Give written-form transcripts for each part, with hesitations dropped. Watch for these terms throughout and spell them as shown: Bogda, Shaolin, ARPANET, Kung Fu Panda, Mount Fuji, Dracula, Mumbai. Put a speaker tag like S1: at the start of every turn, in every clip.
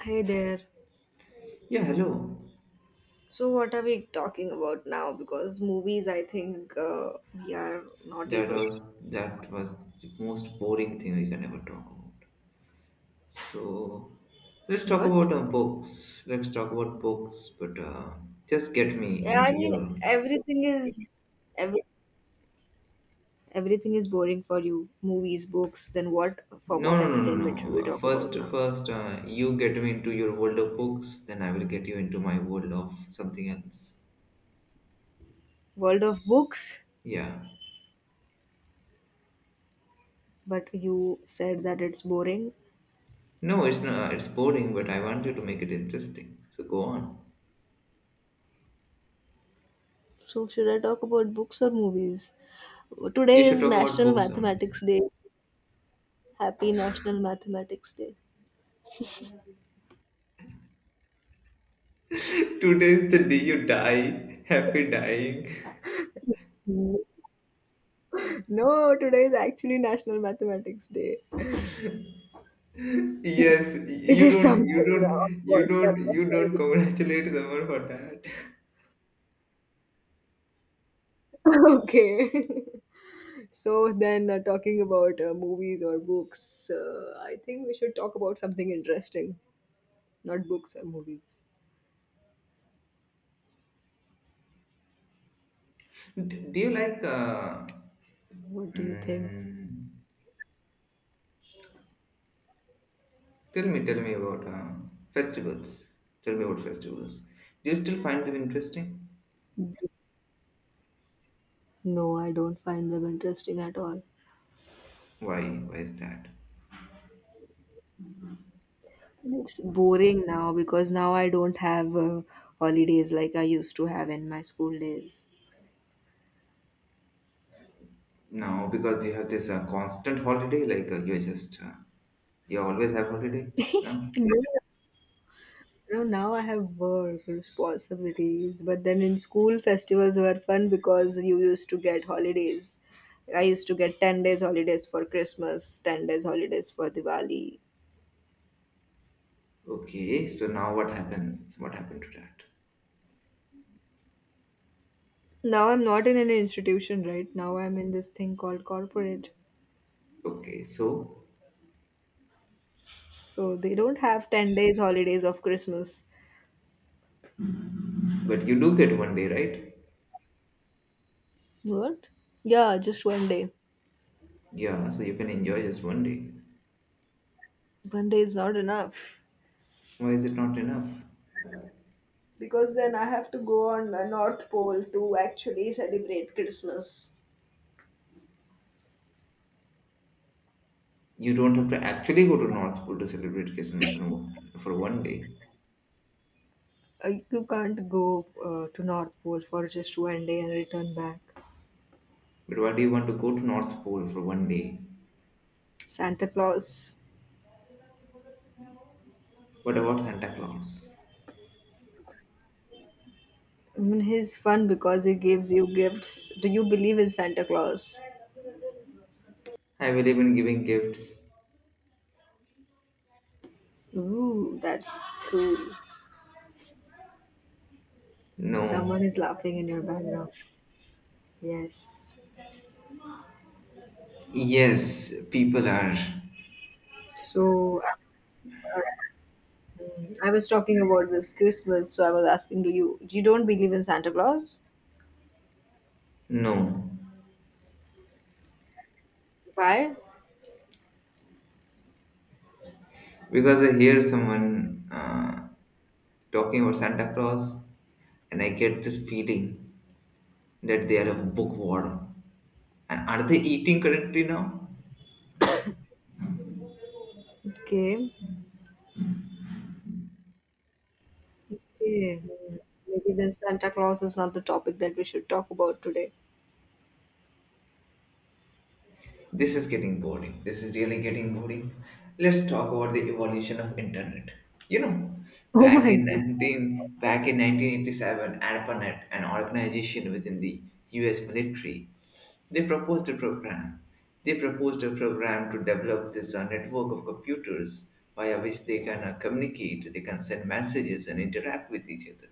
S1: Hey there.
S2: Yeah, hello.
S1: So, what are we talking about now? Because movies, I think we are not
S2: That
S1: able.
S2: was that was the most boring thing we can ever talk about. So let's talk
S1: What?
S2: about books. Let's talk about books, but just get me
S1: Yeah, I
S2: into
S1: mean,
S2: your.
S1: every, everything is boring for you. Movies, books. Then what form
S2: No,
S1: of
S2: no, no,
S1: entertainment
S2: no,
S1: should
S2: no.
S1: we
S2: Uh,
S1: talk
S2: First,
S1: about now?
S2: first, uh, you get me into your world of books, then I will get you into my world of something else.
S1: World of books.
S2: Yeah.
S1: But you said that it's boring.
S2: No, it's not. It's boring, but I want you to make it interesting. So go on.
S1: So, should I talk about books or movies?
S2: You
S1: Today
S2: should
S1: is
S2: talk about
S1: National
S2: books only.
S1: Mathematics Day. Happy National Mathematics Day.
S2: Today is the day you die. Happy dying.
S1: No, today is actually National Mathematics Day.
S2: Yes,
S1: It
S2: you
S1: is
S2: don't,
S1: something
S2: you don't, you
S1: WhatsApp.
S2: don't, you don't congratulate someone for that.
S1: Okay. So then, talking about movies or books, I think we should talk about something interesting, not books or movies.
S2: Do you like?
S1: What do you think?
S2: Mm, tell me about festivals. Tell me about festivals. Do you still find them interesting?
S1: No, I don't find them interesting at all.
S2: Why? Why is that?
S1: It's boring now because now I don't have holidays like I used to have in my school days.
S2: No, because you have this constant holiday. Like you're just you always have holiday. No.
S1: You know, now I have work responsibilities, but then in school festivals were fun because you used to get holidays. I used to get 10 days holidays for Christmas, 10 days holidays for Diwali.
S2: Okay. So now what happens? What happened to that?
S1: Now I'm not in an institution, right? Now I'm in this thing called corporate.
S2: Okay. So,
S1: So they don't have 10 days holidays of Christmas.
S2: but you do get one day, right?
S1: What? Yeah, just one day.
S2: Yeah, so you can enjoy just one day.
S1: One day is not enough.
S2: Why is it not enough?
S1: Because then I have to go on the North Pole to actually celebrate Christmas.
S2: You don't have to actually go to North Pole to celebrate Christmas in for one day.
S1: You can't go to North Pole for just one day and return back.
S2: But why do you want to go to North Pole for one day?
S1: Santa Claus,
S2: What about Santa Claus?
S1: I mean, he's fun because he gives you gifts. Do you believe in Santa Claus?
S2: I believe in giving gifts.
S1: Ooh, that's cool. Someone
S2: No.
S1: is laughing in your background. Yes.
S2: Yes, people are.
S1: So I was talking about this Christmas. So I was asking, do you don't believe in Santa Claus?
S2: No.
S1: Why?
S2: Because I hear someone talking about Santa Claus and I get this feeling that they are a bookworm. And are they eating currently now?
S1: Okay. Okay. Hmm. Maybe then Santa Claus is not the topic that we should talk about today.
S2: This is getting boring. This is really getting boring. Let's talk about the evolution of internet. You know, back in 1987, ARPANET, an organization within the US military, they proposed a program. They proposed a program to develop this network of computers via which they can communicate, they can send messages and interact with each other.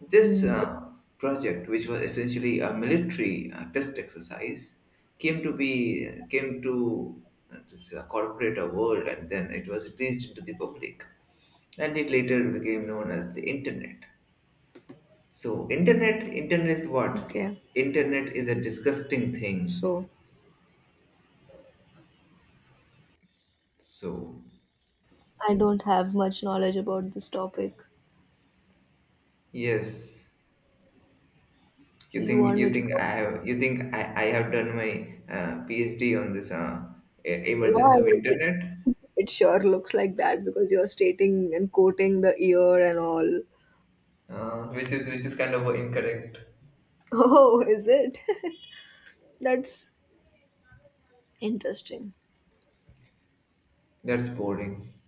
S2: This
S1: Hmm.
S2: project, which was essentially a military test exercise, came to this, corporate world, and then it was released into the public, and it later became known as the internet. So, internet is what?
S1: Okay.
S2: Internet is a disgusting thing.
S1: So
S2: So,
S1: I don't have much knowledge about this topic.
S2: yes,
S1: Do you want me
S2: you
S1: to
S2: think
S1: talk?
S2: I have you think I have done my PhD on this
S1: Yeah,
S2: emergence
S1: I
S2: of
S1: mean, it,
S2: internet?
S1: it sure looks like that because you're stating and quoting the ear and all.
S2: Which is kind of incorrect.
S1: Oh, is it? That's interesting.
S2: That's boring.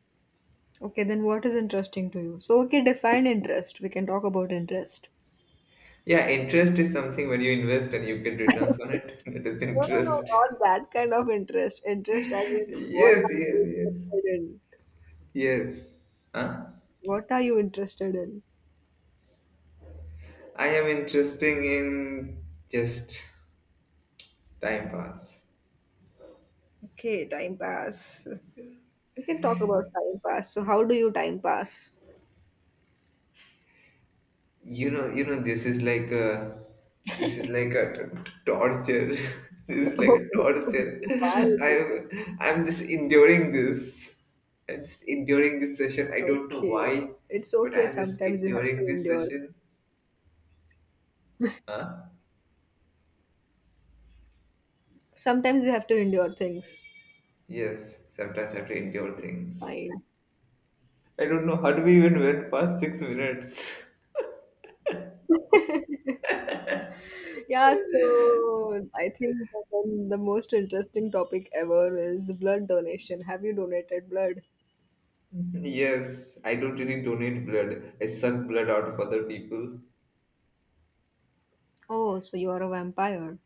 S1: Okay, then what is interesting to you? So, okay, define interest. We can talk about interest.
S2: Yeah, interest is something when you invest and you get returns on it. That is
S1: No, no, no,
S2: interest.
S1: not that kind of interest. Interest, I mean, what
S2: yes,
S1: are
S2: yes,
S1: you
S2: yes,
S1: interested in?
S2: yes. Huh?
S1: What are you interested in?
S2: I am interesting in just time pass.
S1: Okay, time pass. We can talk about time pass. So, how do you time pass?
S2: You know, this is like a torture. This is like a
S1: Okay.
S2: torture.
S1: Why is it?
S2: I'm just enduring this. I'm just enduring this session. I don't know
S1: Okay.
S2: why,
S1: It's
S2: but
S1: okay.
S2: I'm just
S1: Sometimes you have to
S2: enduring this
S1: endure.
S2: session. Huh?
S1: Sometimes you have to endure things.
S2: Yes, sometimes I have to endure things.
S1: Fine.
S2: I don't know how do we even went past 6 minutes.
S1: Yeah, so I think that then the most interesting topic ever is blood donation. Have you donated blood?
S2: Yes, I don't really donate blood. I suck blood out of other people.
S1: Oh, so you are a vampire.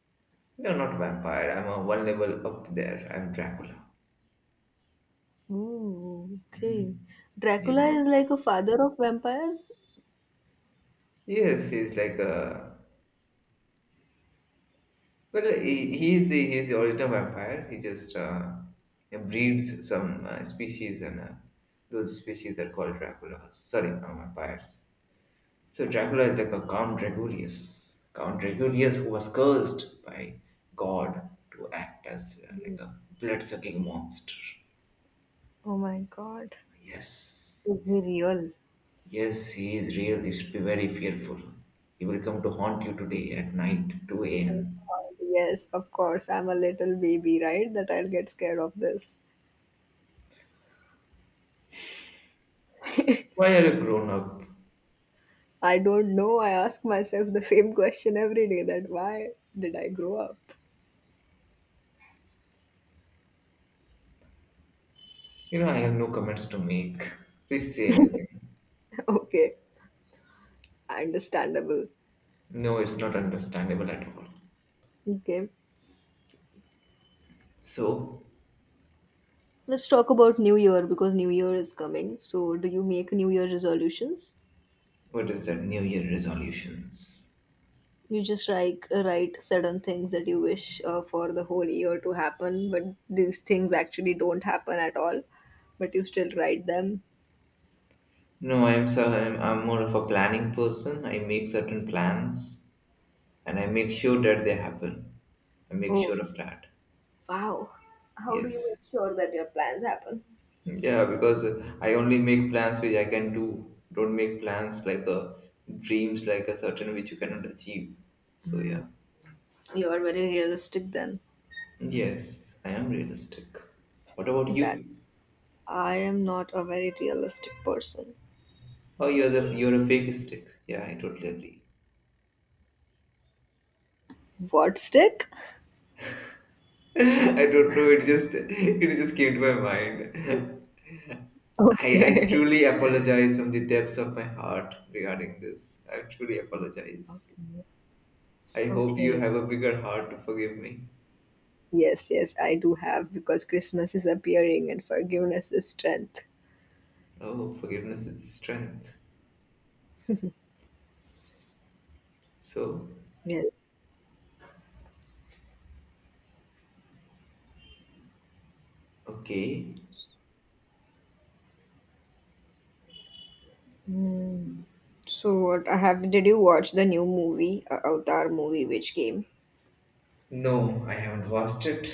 S2: You're not vampire. I'm a one level up there. I'm Dracula.
S1: Oh, okay. Dracula
S2: Yes.
S1: is like a father of vampires?
S2: Yes, he's like a well. He's the original vampire. He just breeds some species, and those species are called Draculas. Sorry, not vampires. So Dracula is like a Count Draculaeus who was cursed by God to act as like a blood-sucking monster.
S1: Oh my god.
S2: Yes,
S1: Is he real?
S2: yes, he is real. You should be very fearful. He will come to haunt you today at night, two a.m.
S1: Yes, of course. I'm a little baby, right? That I'll get scared of this.
S2: Why are you grown up?
S1: I don't know. I ask myself the same question every day that why did I grow up?
S2: You know, I have no comments to make. Please say anything.
S1: Okay, understandable.
S2: No, it's not understandable at all.
S1: Okay.
S2: So,
S1: Let's talk about New Year because New Year is coming. So, do you make New Year resolutions?
S2: what is that New Year resolutions?
S1: You just like write certain things that you wish for the whole year to happen, but these things actually don't happen at all, but you still write them.
S2: No, I'm more of a planning person. I make certain plans and I make sure that they happen. I make
S1: Oh,
S2: sure of that.
S1: wow. How do you
S2: Yes.
S1: make sure that your plans happen?
S2: Yeah, because I only make plans which I can do. Don't make plans like a dreams like a certain which you cannot achieve. So yeah.
S1: You are very realistic then.
S2: Yes, I am realistic. What about you?
S1: That's I am not a very realistic person.
S2: Oh, you're a fake stick. Yeah, I totally agree.
S1: What stick?
S2: I don't know. It just came to my mind. I
S1: Okay.
S2: truly apologize from the depths of my heart regarding this. I truly apologize.
S1: Okay.
S2: I hope you
S1: Okay.
S2: have a bigger heart to forgive me.
S1: Yes, yes, I do have because Christmas is appearing and forgiveness is strength.
S2: Oh, forgiveness is strength. So,
S1: Yes.
S2: okay.
S1: So what I have did you watch the new movie, Avatar movie which came?
S2: No, I haven't watched it.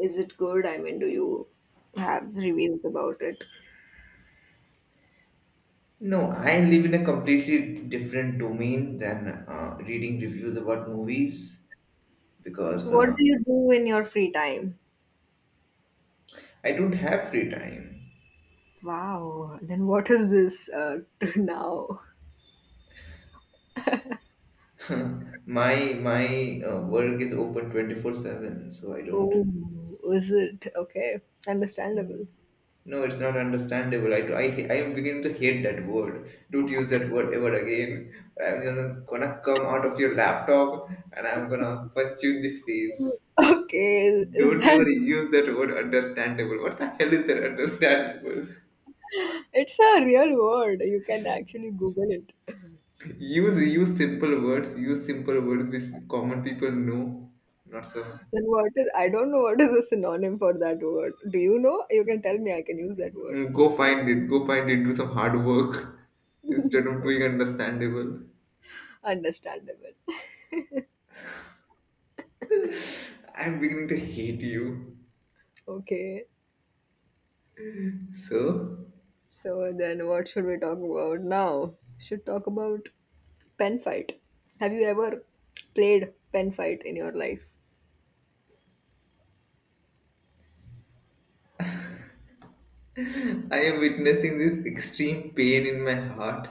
S1: Is it good? I mean, do you have reviews about it?
S2: No, I live in a completely different domain than reading reviews about movies
S1: So
S2: because
S1: what do you do in your free time?
S2: I don't have free time.
S1: Wow. Then what is this now?
S2: My work is open 24/7, so I don't.
S1: Oh, is it okay? Understandable.
S2: No, it's not understandable. I am beginning to hate that word. Don't use that word ever again. I'm gonna come out of your laptop and I'm gonna punch you in the face.
S1: Okay, is
S2: Don't
S1: that
S2: ever use that word understandable. What the hell is that understandable?
S1: it's a real word. You can actually Google it.
S2: Use simple words. Use simple words which common people know, not some
S1: Then what is I don't know what is a synonym for that word. Do you know? You can tell me I can use that word.
S2: Go find it. Go find it. Do some hard work instead of doing understandable.
S1: Understandable.
S2: I'm beginning to hate you.
S1: Okay.
S2: So,
S1: So then what should we talk about now? Should talk about pen fight. Have you ever played pen fight in your life?
S2: I am witnessing this extreme pain in my heart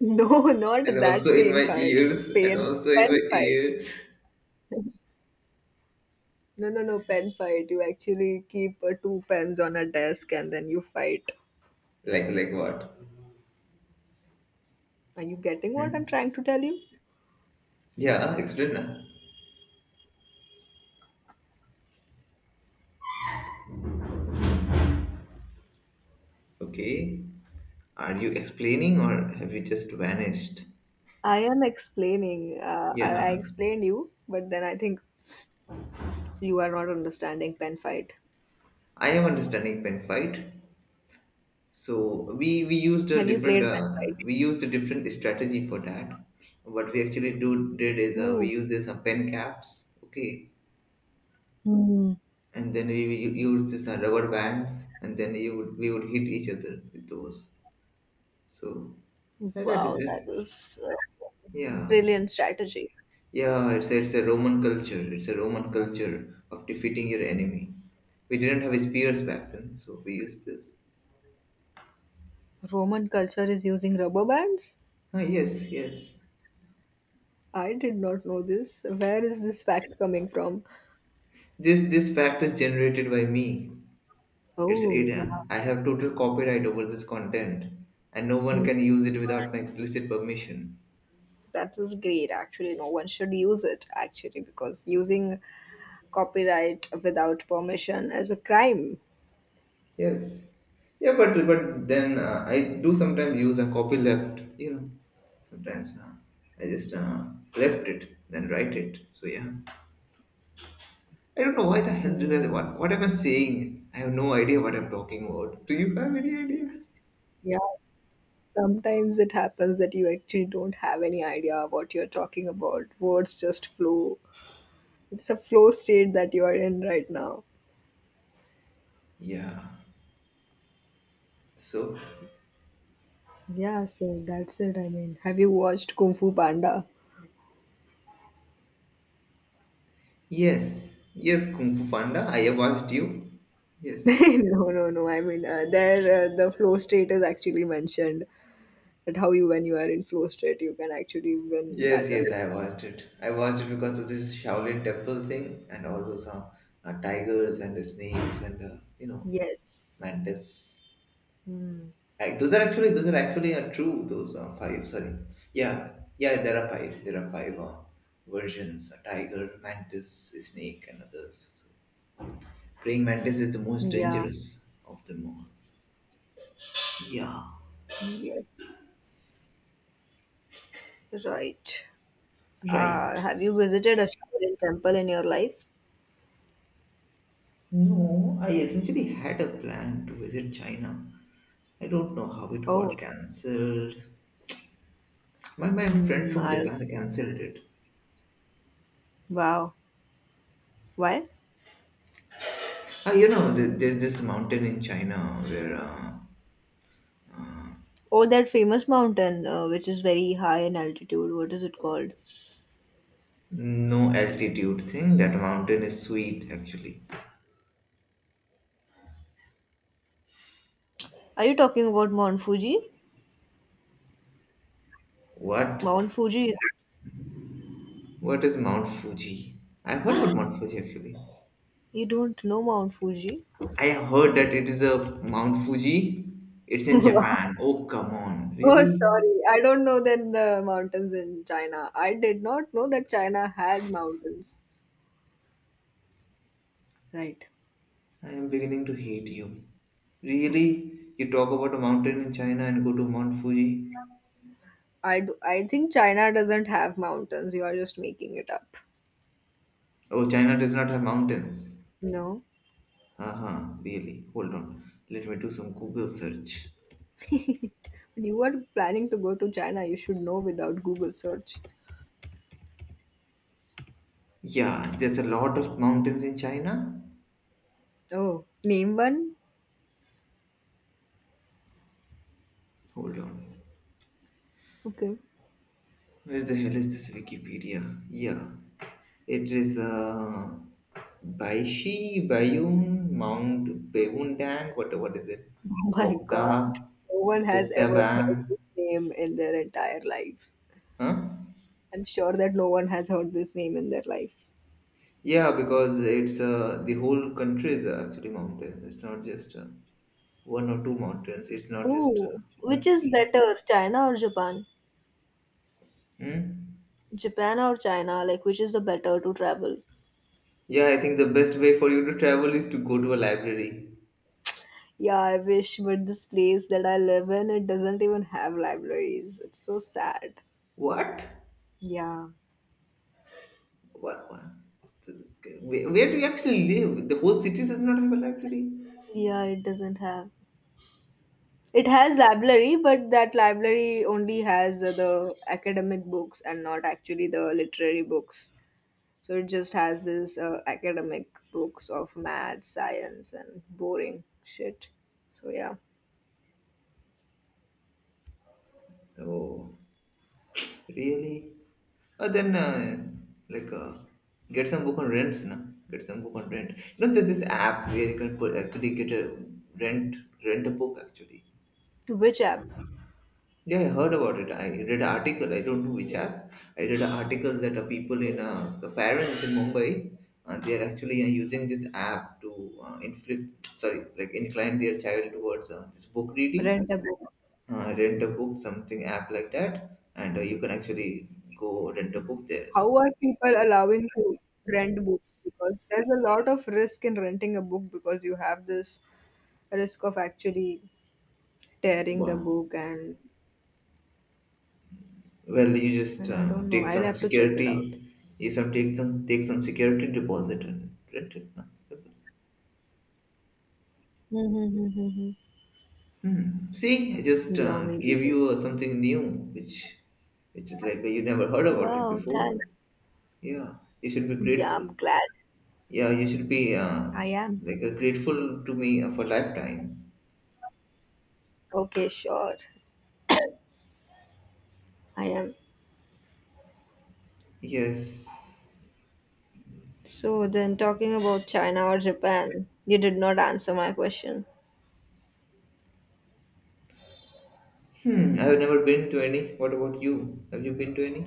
S1: No,
S2: and
S1: not
S2: also
S1: that
S2: in
S1: pain
S2: my
S1: fight.
S2: ears.
S1: Pain pen fight. No, no, no, pen fight. You actually keep two pens on a desk and then you fight.
S2: Like what?
S1: Are you getting what I'm
S2: Hmm.
S1: trying to tell you?
S2: Yeah, explain now. Okay. Are you explaining or have you just vanished?
S1: I am explaining. I
S2: Yeah,
S1: explained you, but then I think you are not understanding pen fight.
S2: I am understanding pen fight. So we used a
S1: Have you
S2: different
S1: played pen fight?
S2: we used a different strategy for that. What we actually do did is we
S1: Oh.
S2: used this pen caps, okay,
S1: Hmm.
S2: and then we used this rubber bands and then you would we would hit each other with those. So like that is
S1: Wow,
S2: it.
S1: that was a
S2: Yeah,
S1: brilliant strategy.
S2: yeah, it's a roman culture, it's a roman culture of defeating your enemy. We didn't have spears back then, so we used this.
S1: Roman culture is using rubber bands?
S2: Ah, yes, yes,
S1: I did not know this. Where is this fact coming from?
S2: this fact is generated by me. It's it.
S1: Oh, wow.
S2: I have total copyright over this content, and no one
S1: Hmm.
S2: can use it without my explicit permission.
S1: That is great, actually. No one should use it, actually, because using copyright without permission is a crime.
S2: Yes. Yeah, but then I do sometimes use a copy left. You know, sometimes I just left it, then write it. So yeah, I don't know why the hell did I
S1: Hmm.
S2: what am I
S1: It's,
S2: saying? I have no idea what I'm talking about. Do you have any idea?
S1: yeah, sometimes it happens that you actually don't have any idea what you're talking about. Words just flow. It's a flow state that you are in right now.
S2: Yeah. So
S1: Yeah, so that's it. I mean, have you watched Kung Fu Panda?
S2: yes, yes, Kung Fu Panda. I have asked you. Yes.
S1: No, no, no. I mean, there the flow state is actually mentioned that how you when you are in flow state you can actually win
S2: Yes,
S1: battle.
S2: yes, I watched it. I watched it because of this Shaolin temple thing and all those tigers and the snakes and you know
S1: Yes.
S2: mantis.
S1: Mm.
S2: Like, those are actually true. Those are five. Sorry, yeah, yeah. There are five. There are five versions: a tiger, mantis, snake, and others. So, praying mantis is the most
S1: Yeah.
S2: dangerous of them all. Yeah,
S1: Yes. Right.
S2: right.
S1: Have you visited a Shaolin temple in your life?
S2: No, I essentially had a plan to visit China. I don't know how it
S1: Oh,
S2: got cancelled. My friend
S1: mm,
S2: from
S1: I,
S2: Japan cancelled it.
S1: wow. Why?
S2: Ah, you know, there's this mountain in China where
S1: Oh, that famous mountain, which is very high in altitude. What is it called?
S2: no altitude thing. That mountain is sweet, actually.
S1: Are you talking about Mount Fuji?
S2: What?
S1: Mount Fuji is.
S2: What is Mount Fuji? I heard about Mount Fuji actually.
S1: You don't know Mount Fuji?
S2: I heard that it is a Mount Fuji. It's in Japan. Oh come on,
S1: Oh,
S2: really?
S1: sorry. I don't know then the mountains in China. I did not know that China had mountains. Right.
S2: I am beginning to hate you. Really? You talk about a mountain in China and go to Mount Fuji?
S1: I think China doesn't have mountains. You are just making it up.
S2: Oh, China does not have mountains.
S1: No.
S2: Haha, really? Hold on. Let me do some Google search.
S1: When you are planning to go to China, you should know without Google search.
S2: Yeah, there's a lot of mountains in China.
S1: Oh, name one?
S2: Hold on.
S1: Okay.
S2: Where the hell is this Wikipedia? Yeah. It is Baishi, Bayun, Mount Beundang, what is it?
S1: Oh my
S2: Bogda,
S1: god. No one has ever heard
S2: Bogdaban,
S1: this name in their entire life.
S2: huh?
S1: I'm sure that no one has heard this name in their life.
S2: Yeah, because it's the whole country is actually mountain. It's not just one or two mountains. It's not just
S1: Oh, which
S2: one
S1: is
S2: peak.
S1: better, China or Japan?
S2: Hmm?
S1: Japan or China? Like, which is the better to travel?
S2: Yeah, I think the best way for you to travel is to go to a library.
S1: Yeah, I wish, but this place that I live in, it doesn't even have libraries. It's so sad.
S2: What?
S1: Yeah.
S2: What? Where do you actually live? The whole city does not have a library.
S1: Yeah, it doesn't have. It has library, but that library only has the academic books and not actually the literary books. So it just has this academic books of math, science, and boring shit. So yeah.
S2: Oh, really? Uh, then, uh, like, uh, get some book on rents, na? Get some book on rent. You know, there's this app where actually get a rent, rent a book actually.
S1: Which app?
S2: Yeah, I heard about it. I read an article. I don't know which app. I read an article that people in the parents in Mumbai, they are actually using this app to inflict, sorry, like incline their child towards this book reading.
S1: Rent a book.
S2: Rent a book, something app like that, and you can actually go rent a book there. So,
S1: How are people allowing to rent books? Because there's a lot of risk in renting a book because you have this risk of actually tearing the
S2: well,
S1: book and
S2: well, you just
S1: and I don't know.
S2: take
S1: I'll
S2: some
S1: have to check it out.
S2: security, you some take some take some security deposit and rent it, no?
S1: Mm-hmm.
S2: Hmm. See, I just
S1: Yeah,
S2: gave
S1: maybe.
S2: you something new, which, which is like you never heard about it
S1: Wow,
S2: before.
S1: thanks.
S2: Yeah, you should be
S1: Yeah,
S2: grateful.
S1: I'm glad.
S2: Yeah, you should be
S1: I am.
S2: grateful to me for lifetime.
S1: Okay, sure. I am.
S2: Yes.
S1: So then talking about China or Japan, you did not answer my question.
S2: Hmm. I have never been to any. What about you? Have you been to any?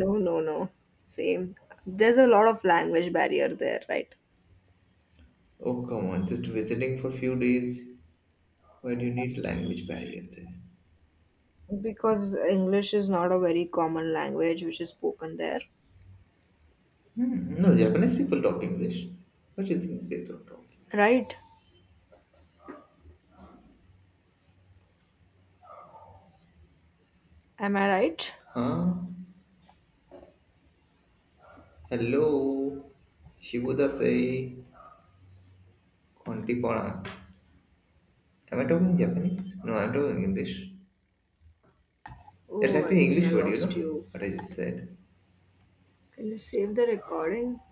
S1: No, no, no. Same. There's a lot of language barrier there, right?
S2: Oh come on, just visiting for few days. Why do you need language barrier there?
S1: Because English is not a very common language which is spoken there,
S2: Hmm. No, Japanese people talk English. What do you think they don't talk English?
S1: right? Am I right?
S2: Huh? Hello, Shibudasei Kontikona. Am I talking Japanese? No, I'm talking English. That's
S1: Oh, I
S2: actually an
S1: think I
S2: English word, you know
S1: lost you.
S2: what I just said.
S1: Can you save the recording?